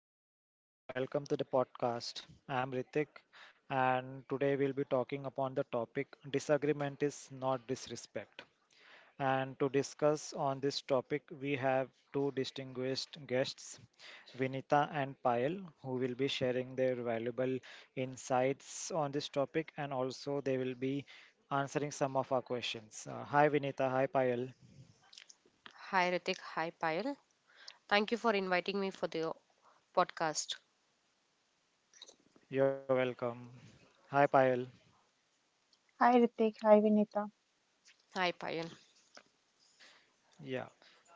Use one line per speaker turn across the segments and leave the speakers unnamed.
Hello everyone, welcome to the podcast. I'm Ritik and today we'll be talking upon the topic disagreement is not disrespect. And to discuss on this topic, we have two distinguished guests, Vinita and Payal, who will be sharing their valuable insights on this topic and also they will be answering some of our questions. Hi Vinita, hi Payal.
Hi Ritik, hi Payal. Thank you for inviting me for the podcast.
You're welcome. Hi Payal.
Hi Ritik, hi Vinita.
Hi Payal.
Yeah,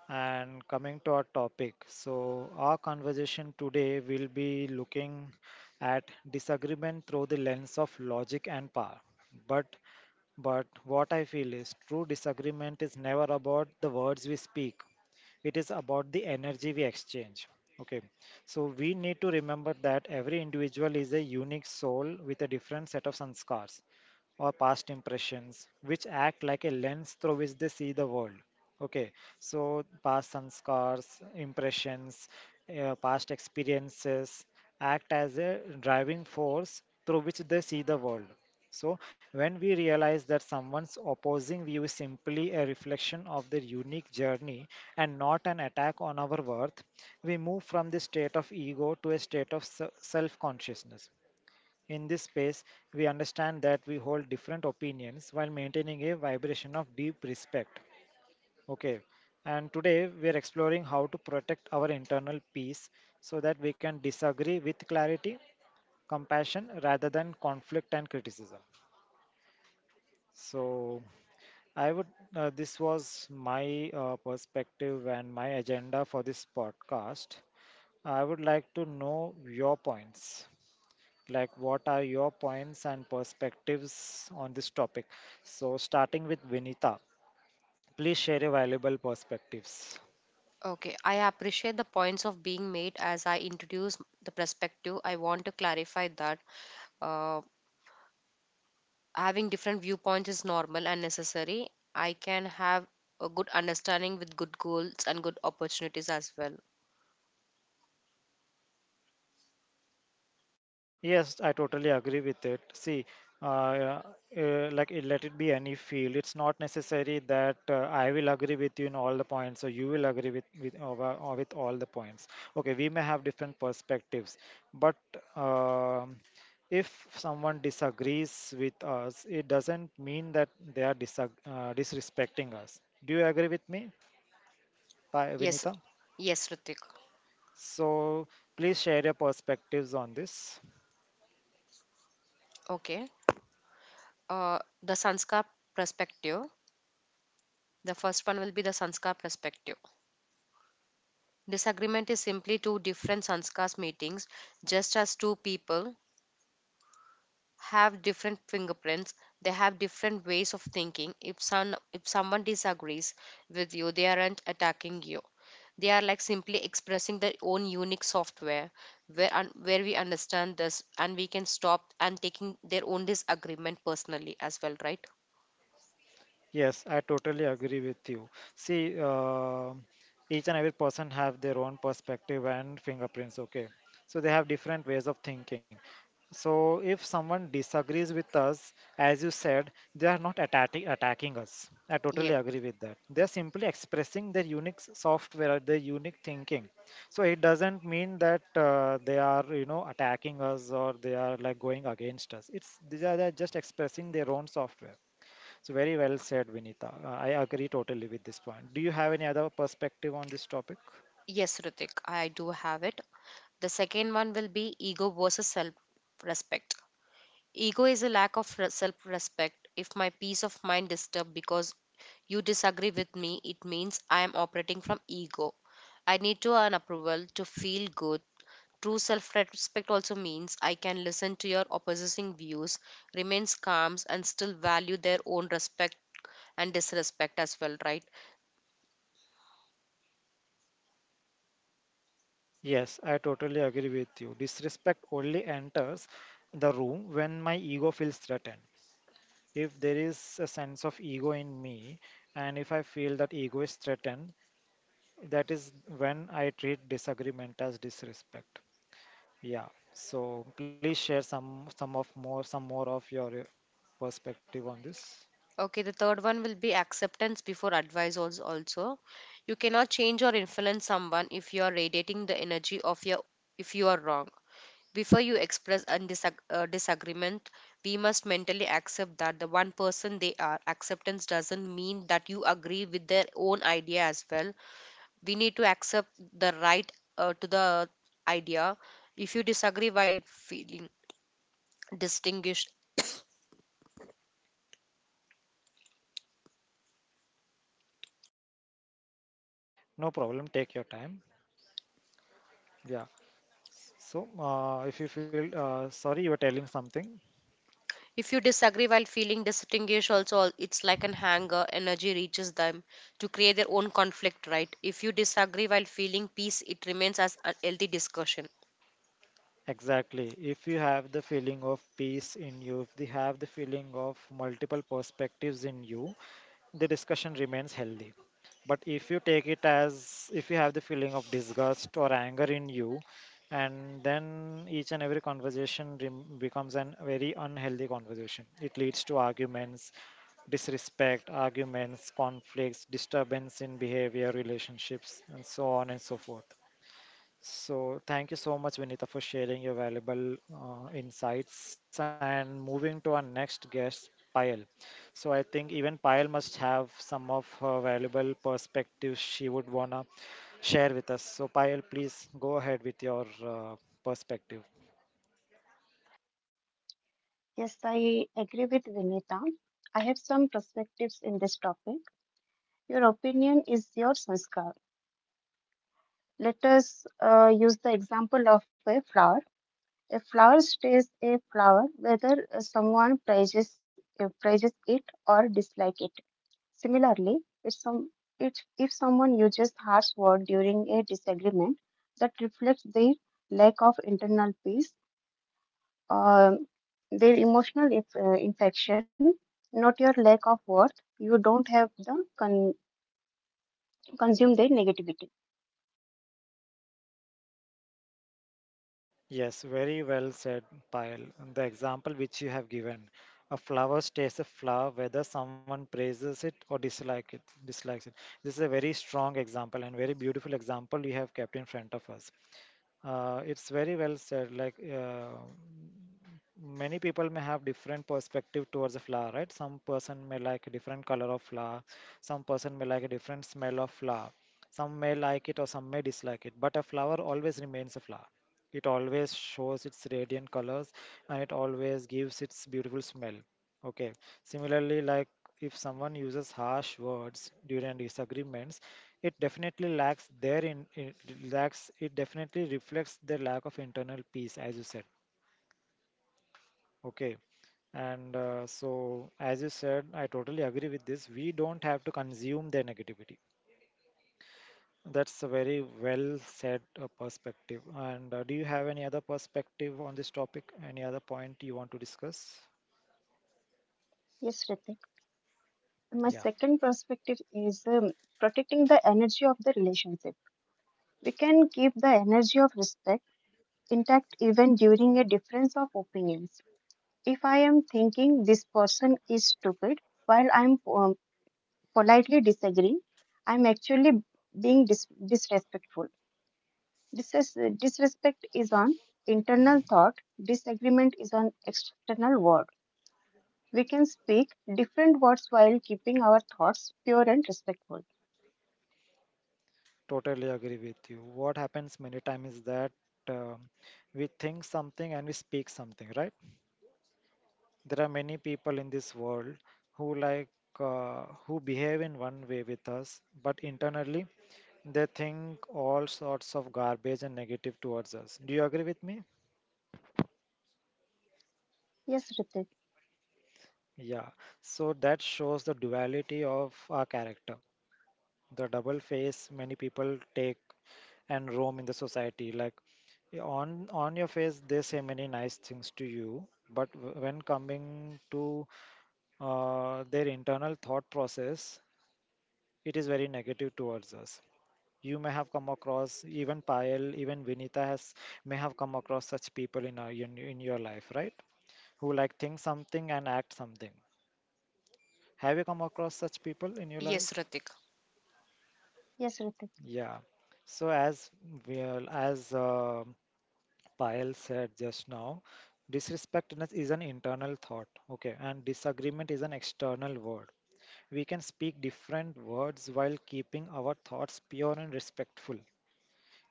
and coming to our topic. So, our conversation today will be looking at disagreement through the lens of logic and power. But but what I feel is true disagreement is never about the words we speak. It is about the energy we exchange. Okay. So we need to remember that every individual is a unique soul with a different set of sanskars or past impressions which act like a lens through which they see the world. Okay, so past sanskars, impressions, past experiences act as a driving force through which they see the world. So, when we realize that someone's opposing view is simply a reflection of their unique journey and not an attack on our worth, we move from the state of ego to a state of self consciousness. In this space, we understand that we hold different opinions while maintaining a vibration of deep respect. Okay, and today we are exploring how to protect our internal peace so that we can disagree with clarity, compassion rather than conflict and criticism. So, I would this was my perspective and my agenda for this podcast. I would like to know your points. Like, what are your points and perspectives on this topic? So, starting with Vinita, please share your valuable perspectives.
Okay, I appreciate the points of being made as I introduce the perspective. I want to clarify that uh, having different viewpoints is normal and necessary. I can have a good understanding with good goals and good opportunities as well.
Yes, I totally agree with it. See, uh, uh, like let it be any field. It's not necessary that I will agree with you in all the points, or you will agree with or with all the points. Okay, we may have different perspectives, but um if someone disagrees with us, it doesn't mean that they are disag disrespecting us. Do you agree with me,
Yes,
Vinita?
yes, Ritik.
So please share your perspectives on this.
Okay. The Sanskar perspective. The first one will be the Sanskar perspective. Disagreement is simply two different sanskars meetings, just as two people have different fingerprints. They have different ways of thinking. If someone disagrees with you, they aren't attacking you. They are like simply expressing their own unique software, where where we understand this and we can stop and taking their own disagreement personally as well, right?
Yes, I totally agree with you. See, each and every person have their own perspective and fingerprints, okay? So they have different ways of thinking. So if someone disagrees with us, as you said, they are not attacking us. I
Yeah.
totally agree with that. They are simply expressing their software, their unique thinking. So it doesn't mean that they are, you know, attacking us or they are like going against us. It's they are just expressing their own software. So very well said, Vinita. I agree totally with this point. Do you have any other perspective on this topic?
Yes, Ritik, I do have it. The second one will be ego versus self respect. Ego is a lack of self respect. If my peace of mind disturbed because you disagree with me, it means I am operating from ego. I need to earn approval to feel good. True self respect also means I can listen to your opposing views, remains calm, and still value their own respect and disrespect as well, right?
Yes, I totally agree with you. Disrespect only enters the room when my ego feels threatened. If there is a sense of ego in me, and if I feel that ego is threatened, that is when I treat disagreement as disrespect. Yeah. So please share some more of your perspective on this.
Okay, the third one will be acceptance before advice also. You cannot change or influence someone if you are radiating the energy of your if you are wrong. Before you express a disagreement, we must mentally accept that the one person they are. Acceptance doesn't mean that you agree with their own idea as well. We need to accept the right to the idea. If you disagree while feeling distinguished,
No problem. Take your time. Yeah. So, if you feel sorry, you are telling something.
If you disagree while feeling distinguished, also it's like an anger. Energy reaches them to create their own conflict, right? If you disagree while feeling peace, it remains as a healthy discussion.
Exactly. If you have the feeling of peace in you, if you have the feeling of multiple perspectives in you, the discussion remains healthy. But if you take it as if you have the feeling of disgust or anger in you, and then each and every becomes an very unhealthy conversation. It leads to arguments, disrespect, arguments, conflicts, disturbance in behavior, relationships, and so on and so forth. So, thank you so much, Vinita, for sharing your valuable insights. And moving to our next guest, Payal. So, I think even Payal must have some of her valuable perspectives she would want to share with us. So, Payal, please go ahead with your perspective.
Yes, I agree with Vinita. I have some perspectives this topic. Your opinion is your sanskar. Let us use the example of a flower. A flower stays a flower whether someone praises, praises it or dislike it. Similarly, if, some, if, if someone uses harsh word during a disagreement that reflects their lack of internal peace, um, their emotional infection, not your lack of worth. You don't have the consume their negativity.
Yes, very well said, Payal. The example which you have given, a flower stays a flower whether someone praises it or dislikes it. This is a very strong example and very beautiful example you have kept in front of us. It's very well said. Many people may have different perspective towards a flower, right? Some person may like a different color of flower, some person may like a different smell of flower, some may like it or some may dislike it. But a flower always remains a flower. It always shows its radiant colors and it always gives its beautiful smell. Okay. Similarly, like if someone uses harsh words during disagreements, it definitely lacks their in, it lacks it definitely reflects their lack of internal peace, as you said. Okay. And so, as you said, I totally agree with this. We don't have to consume their negativity. That's a very well said perspective. And do you have any other perspective on this topic? Any other point you want to discuss?
Yes, Ritik. My
Yeah.
second perspective is protecting the energy of the relationship. We can keep the energy of respect intact even during a difference of opinions. If I am thinking this person is stupid while I'm politely disagreeing, I'm actually being disrespectful. Dis- Disrespect is on internal thought, disagreement is on external word. We can speak different words while keeping our thoughts pure and respectful.
Totally agree with you. What happens many times is that um, we think something and we speak something, right? There are many people in this world who like who behave in one way with us, but internally they think all sorts of garbage and negative towards us. Do you agree with me?
Yes, Ritik.
Yeah. So that shows the duality of our character. The double face many people take and roam in the society like on your face they say many nice things to you but when coming to their internal thought process it is very negative towards us. You may have come across even Payal, even Vinita has may have come across such people in in your life, right? Who like think something and act something. Have you come across such people in your
Yes,
life?
Ratik.
Yes, Ritik.
Yeah. So as Payal said just now, disrespectness is an internal thought, okay, and disagreement is an external word. We can speak different words while keeping our thoughts pure and respectful.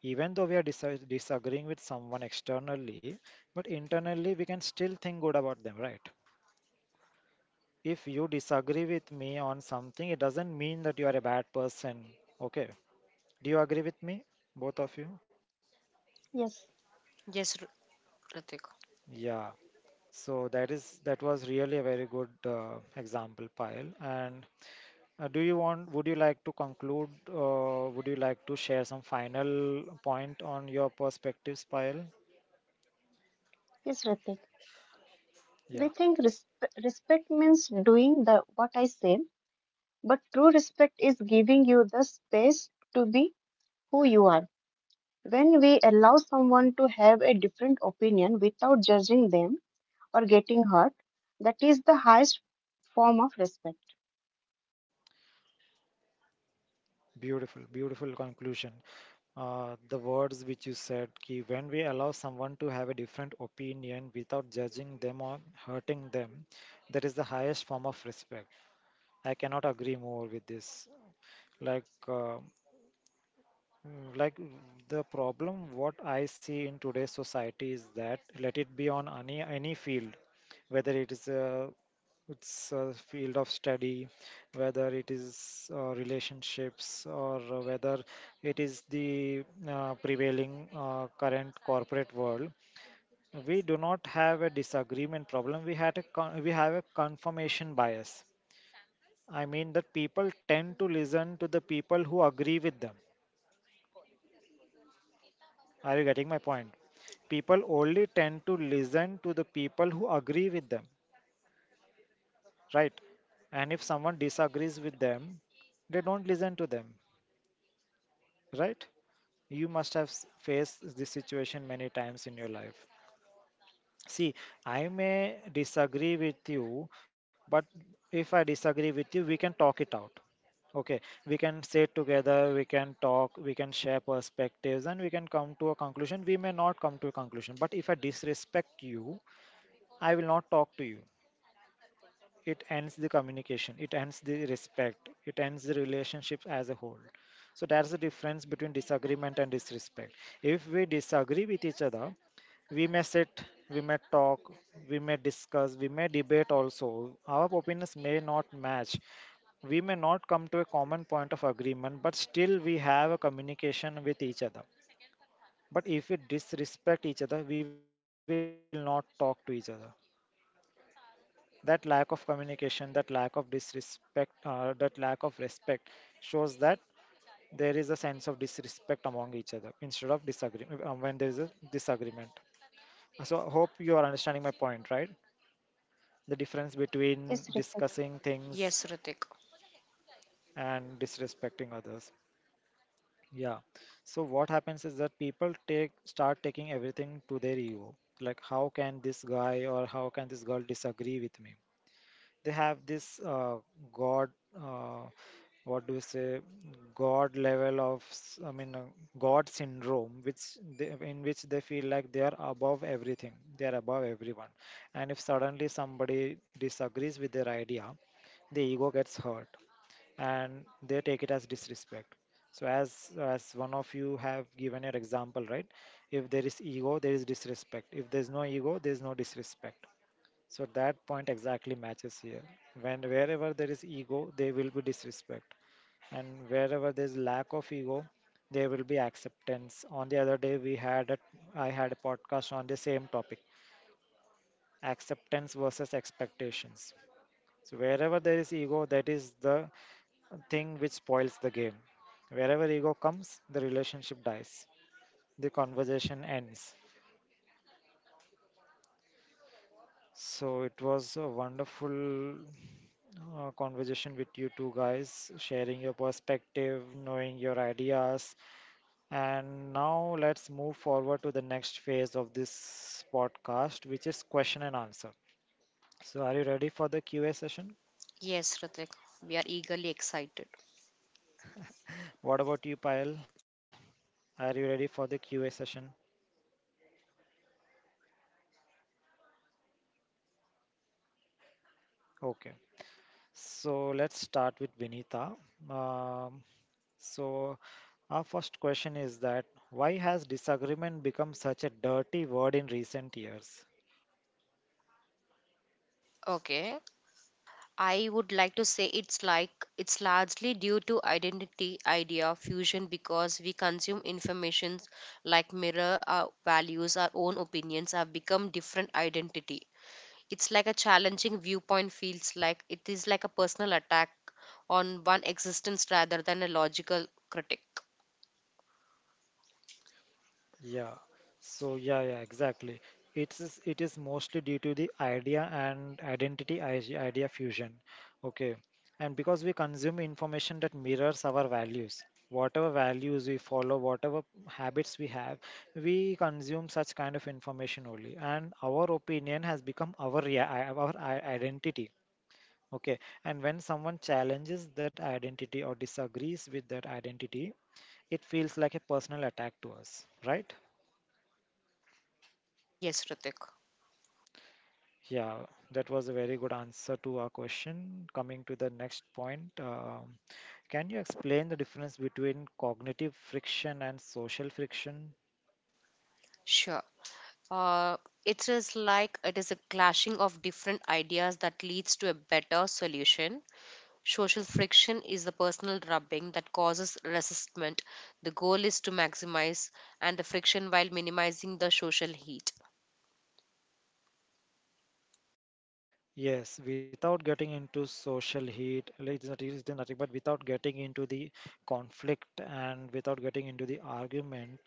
Even though we are disagreeing with someone externally, but internally we can still think good about them, right? If you disagree with me on something, it doesn't mean that you are a bad person, okay? Do you agree with me, both of you?
Yes.
Yes, Ratik.
Yeah. So that was really a very good example, Payal. And do you want? Would you like to conclude? Would you like to share some final point on your perspectives, Payal?
Yes, Ritik.
Yeah,
We think respect means doing the what I say, but true respect is giving you the space to be who you are. When we allow someone to have a different opinion without judging them or getting hurt, that is the highest form of respect.
beautiful, beautiful conclusion. The words which you said, ki when we allow someone to have a different opinion without judging them or hurting them, that is the highest form of respect. I cannot agree more with this. Like uh, Mm, Like mm, the problem, what I see in today's society is that let it be on any field, whether it's a field of study, whether it is relationships, or whether it is the prevailing current corporate world. We do not have a disagreement problem. We have a confirmation bias. I mean that people tend to listen to the people who agree with them. Are you getting my point? People only tend to listen to the people who agree with them, right? And if someone
Yes.
disagrees with them, they don't listen to them, right? You must have faced this situation many times in your life. See, I may disagree with you, but if I disagree with you, we can talk it out. Okay, we can sit together, we can talk, we can share perspectives, and we can come to a conclusion. We may not come to a conclusion, but if I disrespect you, I will not talk to you. It ends the communication, it ends the respect, it ends the relationship as a whole. So that's the difference between disagreement and disrespect. If we disagree with each other, we may sit, we may talk, we may discuss, we may debate also. Our opinions may not match. We may not come to a common point of agreement, but still we have a communication with each other. But if we disrespect each other, we will not talk to each other. That lack of communication, that lack of disrespect that lack of respect shows that there is a sense of disrespect among each other instead of disagreement. When there is a disagreement. So I hope you are understanding my point, right? The difference
Yes,
between
Ritik.
discussing things
Yes, Ritik.
and disrespecting others. Yeah. So what happens is that people take start taking everything to their ego. Like, how can this guy or how can this girl disagree with me? They have this god, uh, what do you say, god level of god syndrome which in which they feel like they are above everything, they are above everyone. And if suddenly somebody disagrees with their idea, the ego gets hurt and they take it as disrespect. So, as one of you have given your example, right? If there is ego, there is disrespect. If there is no ego, there is no disrespect. So that point exactly matches here. When wherever there is ego, there will be disrespect, and wherever there is lack of ego, there will be acceptance. On the other day, I had a podcast on the same topic, acceptance versus expectations. So wherever there is ego, that is the thing which spoils the game. Wherever ego comes, the relationship dies. The conversation ends. So it was a wonderful conversation with you two guys, sharing your perspective, knowing your ideas. And now let's move forward to the next phase of this podcast, which is question and answer. So, are you ready for the QA session?
Yes, Ritik. We are eagerly excited.
What about you, Payal? Are you ready for the QA session? Okay. So, let's start with Vinita. Um, so, our first question is that why has disagreement become such a dirty word in recent years?
Okay. I would like to say it's like it's largely due to identity idea fusion because we consume information like mirror our values, our own opinions have become different identity. It's like a challenging viewpoint feels like it is like a personal attack on one existence rather than a logical critic.
Yeah. So yeah, yeah, exactly. It is mostly due to the idea and identity idea fusion. Okay. And because we consume information that mirrors our values, whatever values we follow, whatever habits we have, we consume such kind of information only. And our opinion has become our identity. Okay. And when someone challenges that identity or disagrees with that identity, it feels like a personal attack to us, right?
Yes, Ritik.
Yeah, that was a very good answer to our question. Coming to the next point, can you explain the difference between cognitive friction and social friction?
Sure. Uh, it is like it is a clashing of different ideas that leads to a better solution. Social friction is the personal rubbing that causes resistment. The goal is to maximize and the friction while minimizing the social heat.
Yes, without getting into social heat, like, it's nothing, but without getting into the conflict and without getting into the argument,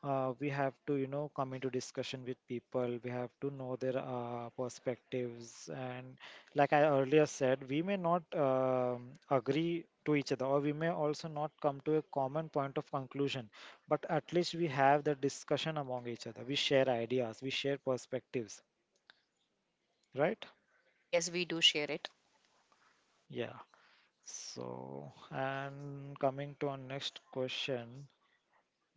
we have to, you know, come into discussion with people. We have to know their perspectives. And like I earlier said, we may not agree to each other, or we may also not come to a common point of conclusion. But at least we have the discussion among each other. We share ideas, we share perspectives, right?
Yes, we do share it.
Yeah. So, and coming to our next question,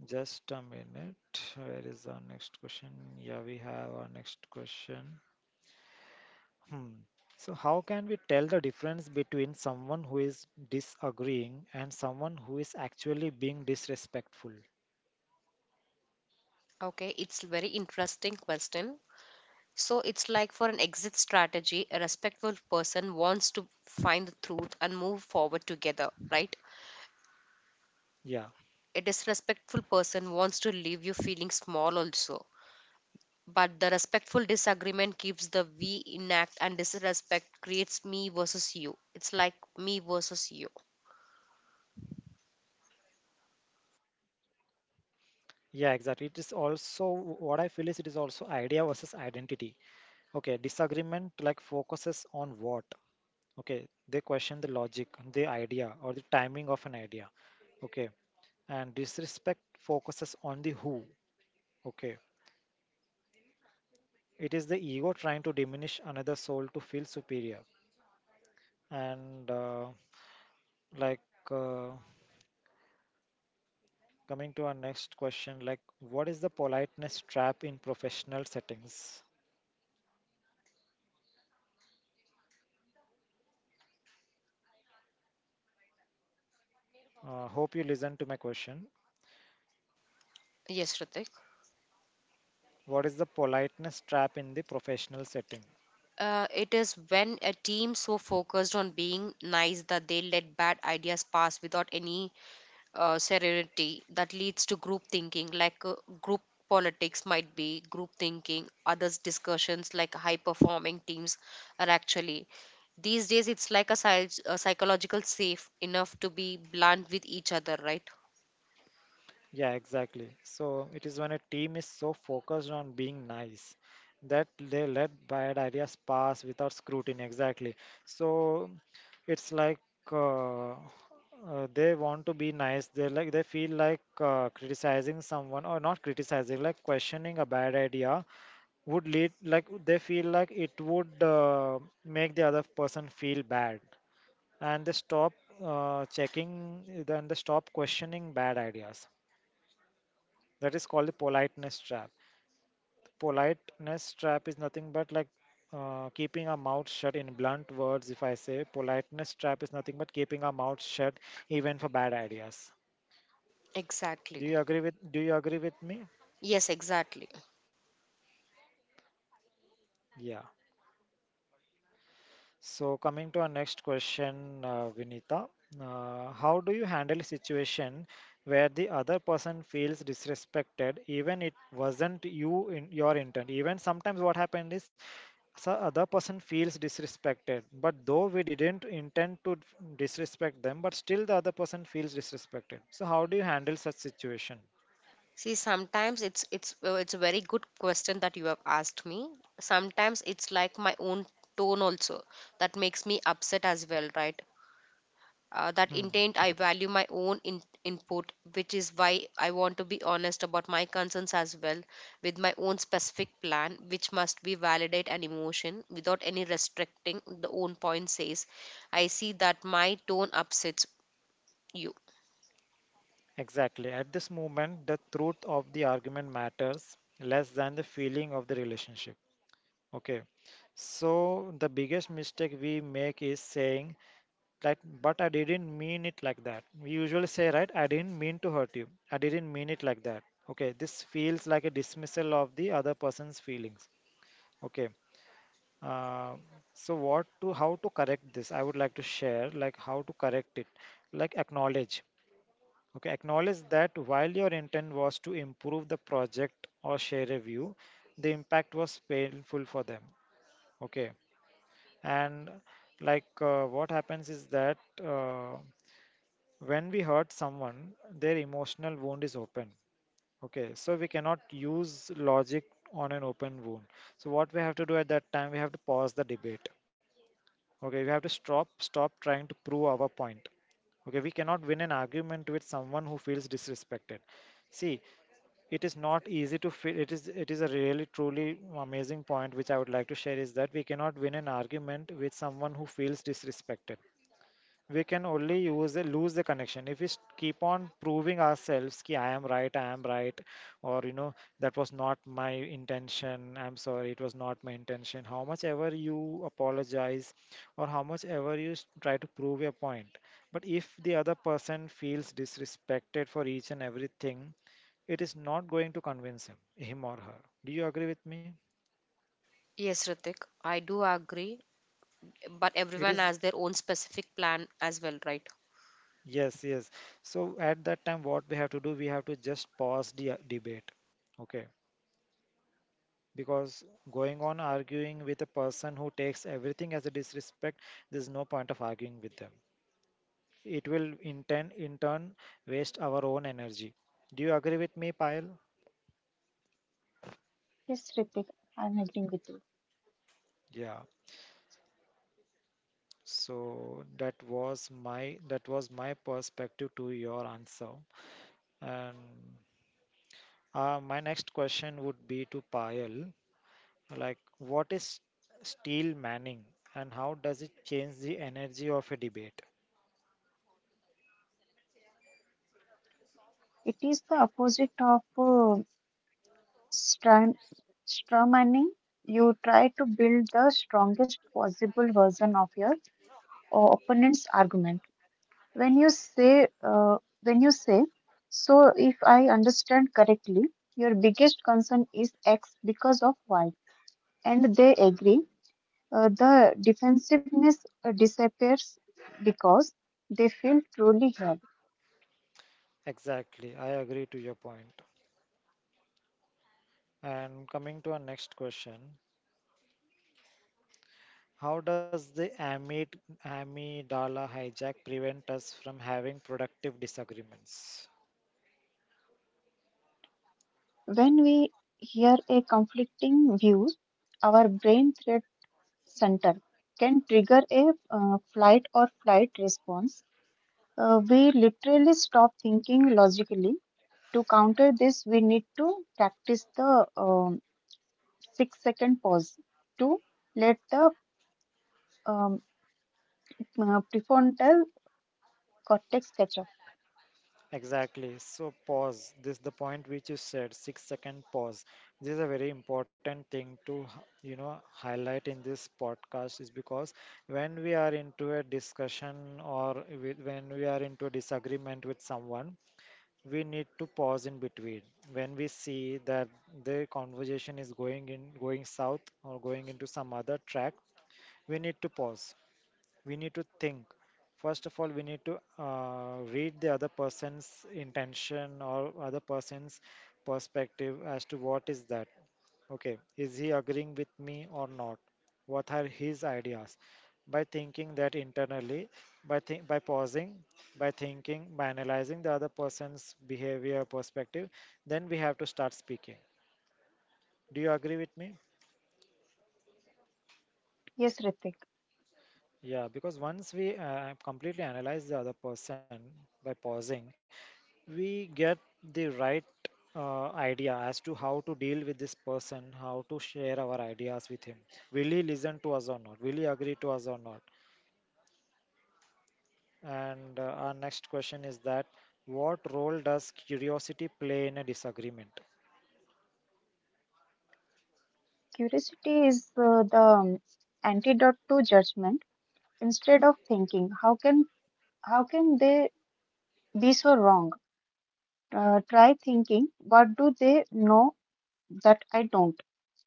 just a minute. Where is our next question? Yeah, we have our next question. Hmm. So, how can we tell the difference between someone who is disagreeing and someone who is actually being disrespectful?
Okay, it's very interesting question. So it's like for an exit strategy, a respectful person wants to find the truth and move forward together, right?
Yeah.
A disrespectful person wants to leave you feeling small also, but the respectful disagreement keeps the we intact and disrespect creates me versus you. It's like me versus you.
Yeah, exactly. It is also what I feel is it is also idea versus identity. Okay, disagreement like focuses on what? Okay, they question the logic, the idea, or the timing of an idea. Okay. And disrespect focuses on the who. Okay, it is the ego trying to diminish another soul to feel superior. And like uh, Coming to our next question, like, what is the politeness trap in professional settings? Hope you listen to my question.
Yes, Ritik.
What is the politeness trap in the professional setting?
It is when a team so focused on being nice that they let bad ideas pass without any serenity that leads to group thinking like group politics might be group thinking others discussions like high performing teams are actually these days it's like a, a psychological safe enough to be blunt with each other, right?
Yeah, exactly. So it is when a team is so focused on being nice that they let bad ideas pass without scrutiny. Exactly. So it's like they want to be nice. They like they feel like criticizing someone or not criticizing, like questioning a bad idea would lead, like they feel like it would make the other person feel bad, and they stop checking. Then they stop questioning bad ideas. That is called the politeness trap. Politeness trap is nothing but like keeping our mouth shut in blunt words. If I say politeness trap is nothing but keeping our mouth shut even for bad ideas.
Exactly.
Do you agree with me?
Yes, exactly.
Yeah. So coming to our next question, Vinita, how do you handle a situation where the other person feels disrespected, even it wasn't you in your intent? Even sometimes what happened is so other person feels disrespected, but though we didn't intend to disrespect them, but still the other person feels disrespected. So how do you handle such situation?
See, sometimes it's a very good question that you have asked me. Sometimes it's like my own tone also that makes me upset as well, right? That
Hmm.
intent, I value my own input, which is why I want to be honest about my concerns as well with my own specific plan, which must be validate an emotion without any restricting. The own point says, I see that my tone upsets you.
Exactly. At this moment, the truth of the argument matters less than the feeling of the relationship. Okay, so the biggest mistake we make is saying that, but I didn't mean it like that. We usually say, right, I didn't mean to hurt you. I didn't mean it like that. Okay, this feels like a dismissal of the other person's feelings. Okay, uh, so what to, how to correct this? I would like to share, like, how to correct it, like, acknowledge. Okay, acknowledge that while your intent was to improve the project or share a view, the impact was painful for them. Okay, and like what happens is that, uh, when we hurt someone, their emotional wound is open. Okay, so we cannot use logic on an open wound. So what we have to do at that time, we have to pause the debate. Okay, we have to stop trying to prove our point. Okay, we cannot win an argument with someone who feels disrespected. See, it is not easy to feel, it is a really truly amazing point which I would like to share, is that we cannot win an argument with someone who feels disrespected. We can only use lose the connection if we keep on proving ourselves, ki I am right, I am right, or, you know, that was not my intention, I'm sorry, it was not my intention. How much ever you apologize, or how much ever you try to prove your point, but if the other person feels disrespected for each and everything, it is not going to convince him or her. Do you agree with me?
Yes, Ritik, I do agree, but
It
everyone
is,
has their own specific plan as well, right?
yes, yes. So at that time, what we have to do, we have to just pause the debate. Okay, because going on arguing with a person who takes everything as a disrespect, there's no point of arguing with them. It will in turn waste our own energy. Do you agree with me, Payal?
Yes, Ritik, I'm agreeing with you.
Yeah. So that was my perspective to your answer. And my next question would be to Payal, like, what is steel manning and how does it change the energy of a debate?
It is the opposite of strum, straw manning. You try to build the strongest possible version of your opponent's argument. When you say, uh, when you say, so if I understand correctly, your biggest concern is X because of Y, and they agree. The defensiveness disappears because they feel truly heard.
Exactly, I agree to your point. And coming to our next question, how does the amid amygdala hijack prevent us from having productive disagreements?
When we hear a conflicting view, our brain threat center can trigger a flight or flight response. We literally stop thinking logically. To counter this, we need to practice the 6 second pause to let the um, prefrontal cortex catch up.
Exactly. So pause. This the point which you said, 6 second pause. This is a very important thing to you know highlight in this podcast is because when we are into a discussion or with, when we are into a disagreement with someone, we need to pause in between. When we see that the conversation is going south or going into some other track, we need to pause, we need to think. First of all, we need to read the other person's intention or other person's perspective as to what is that. Okay, is he agreeing with me or not? What are his ideas? By thinking that internally, by pausing, by thinking, by analyzing the other person's behavior perspective, then we have to start speaking. Do you agree with me?
Yes, Ritik.
Yeah, because once we completely analyze the other person by pausing, we get the right idea as to how to deal with this person, how to share our ideas with him. Will he listen to us or not? Will he agree to us or not? And our next question is that what role does curiosity play in a disagreement?
Curiosity is the antidote to judgment. Instead of thinking, how can they. These were wrong. Try thinking, what do they know that I don't?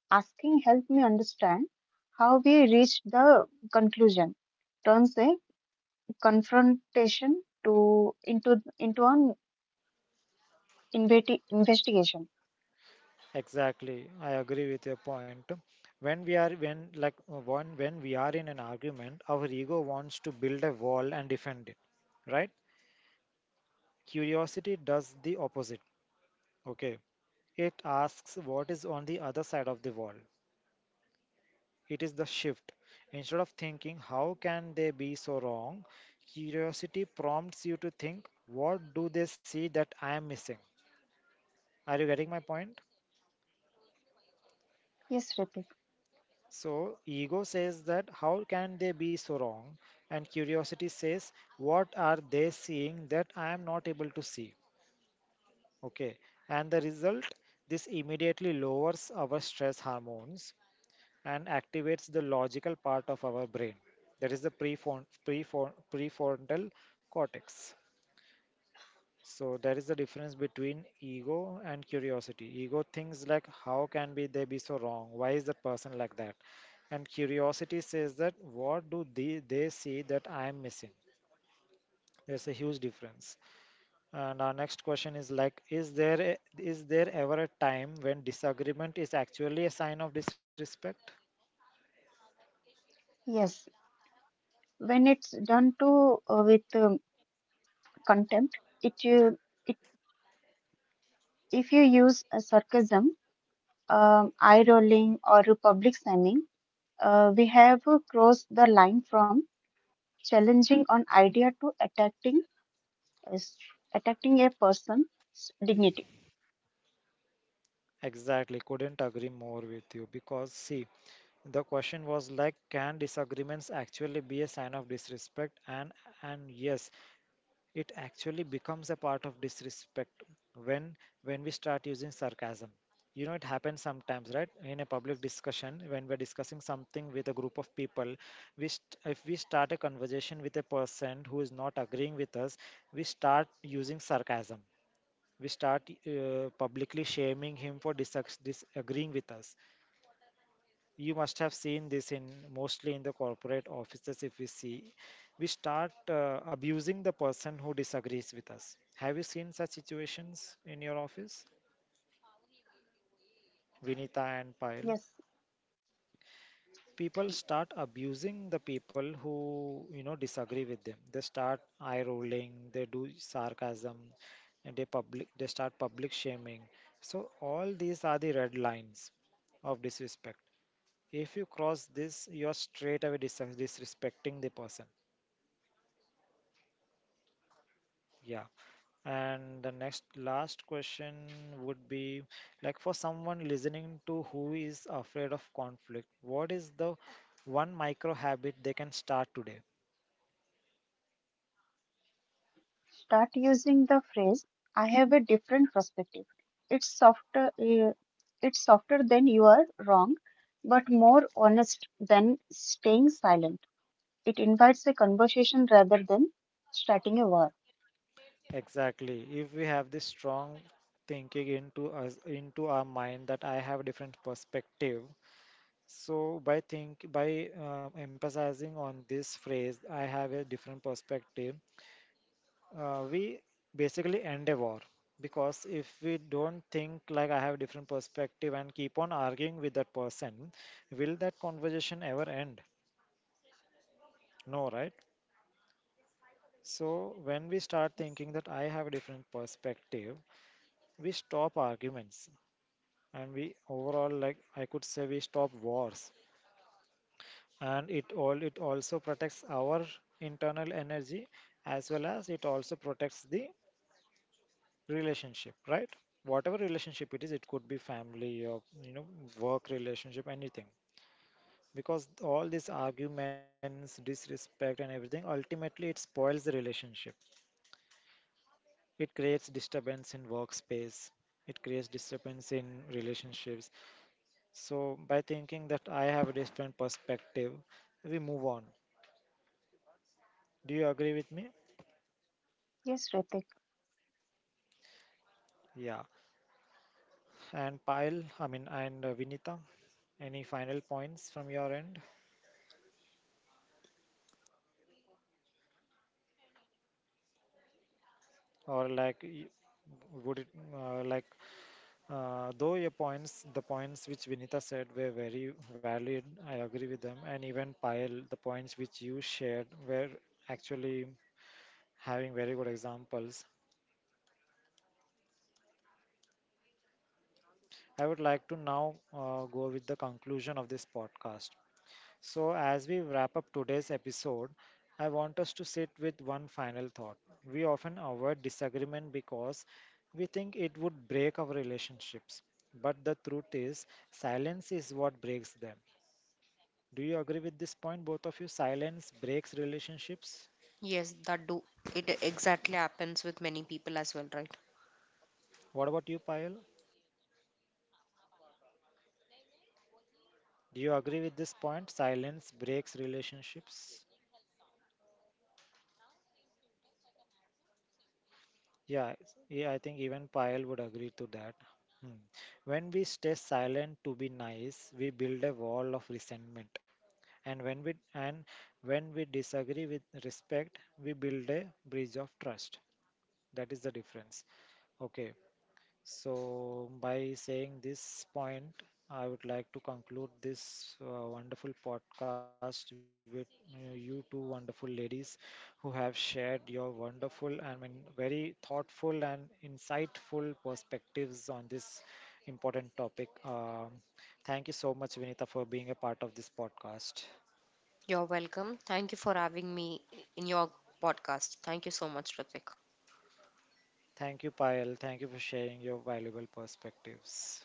Asking helped me understand how we reached the conclusion. Turns a confrontation to into an investigation.
Exactly, I agree with your point. When we are when like one when we are in an argument, our ego wants to build a wall and defend it, right? Curiosity does the opposite. Okay, it asks what is on the other side of the wall. It is the shift. Instead of thinking how can they be so wrong, curiosity prompts you to think what do they see that I am missing? Are you getting my point?
Yes, Ritik.
So, ego says that how can they be so wrong? And curiosity says, what are they seeing that I am not able to see? Okay. And the result, this immediately lowers our stress hormones and activates the logical part of our brain. That is the prefrontal cortex. So that is the difference between ego and curiosity. Ego thinks like how can be they be so wrong? Why is that person like that? And curiosity says that what do they see that I am missing? There's a huge difference. And our next question is like is there ever a time when disagreement is actually a sign of disrespect?
Yes, when it's done to with contempt, it you it if you use a sarcasm, eye rolling, or a public slamming we have crossed the line from challenging an idea to attacking is attacking a person's dignity.
Exactly, couldn't agree more with you because see, the question was like can disagreements actually be a sign of disrespect? And yes, it actually becomes a part of disrespect when when we start using sarcasm. You know, it happens sometimes, right, in a public discussion when we're discussing something with a group of people. If we start a conversation with a person who is not agreeing with us, we start using sarcasm. We start publicly shaming him for disagreeing with us. You must have seen this in, mostly in the corporate offices, if we see, we start abusing the person who disagrees with us. Have you seen such situations in your office, Vinita and
Yes,
Payal? People start abusing the people who, you know, disagree with them. They start eye rolling, they do sarcasm, and they public, they start public shaming. So all these are the red lines of disrespect. If you cross this, you are straight away disrespecting the person. Yeah. And the next last question would be, like, for someone listening to who is afraid of conflict, what is the one micro habit they can start today?
start using the phrase "I have a different perspective." It's softer. It's softer than you are wrong, but more honest than staying silent. It invites a conversation rather than starting a war.
Exactly. If we have this strong thinking into us, into our mind, that I have different perspective. So by think by emphasizing on this phrase, I have a different perspective, we basically end a war. Because if we don't think like I have different perspective and keep on arguing with that person, will that conversation ever end? No, right? So when we start thinking that I have a different perspective, we stop arguments, and we overall, like, I could say we stop wars. And it all, it also protects our internal energy, as well as it also protects the relationship, right? Whatever relationship it is, it could be family or, you know, work relationship, anything. Because all these arguments, disrespect and everything, ultimately it spoils the relationship. It creates disturbance in workspace, it creates disturbance in relationships. So by thinking that I have a different perspective, we move on. Do you agree with me?
Yes, Ritik.
Yeah. And Pile, I mean, and Vinita, any final points from your end, or like would it like… though your points, the points which Vinita said, were very valid, I agree with them. And even Payal, the points which you shared were actually having very good examples. I would like to now go with the conclusion of this podcast. So, as we wrap up today's episode, I want us to sit with one final thought. We often avoid disagreement because we think it would break our relationships. But the truth is, silence is what breaks them. Do you agree with this point, both of you? Silence breaks relationships.
Yes, that do it exactly happens with many people as well, right?
What about you, Payal? Do you agree with this point? Silence breaks relationships. Yeah, yeah, I think even Payal would agree to that. Hmm. When we stay silent to be nice, we build a wall of resentment. And when we disagree with respect, we build a bridge of trust. That is the difference. Okay. So, by saying this point, I would like to conclude this wonderful podcast with you two wonderful ladies who have shared your wonderful and, I mean, very thoughtful and insightful perspectives on this important topic. Thank you so much, Vinita, for being a part of this podcast.
You're welcome, thank you for having me in your podcast. Thank you so much, Ritvik.
Thank you, Payal. Thank you for sharing your valuable perspectives.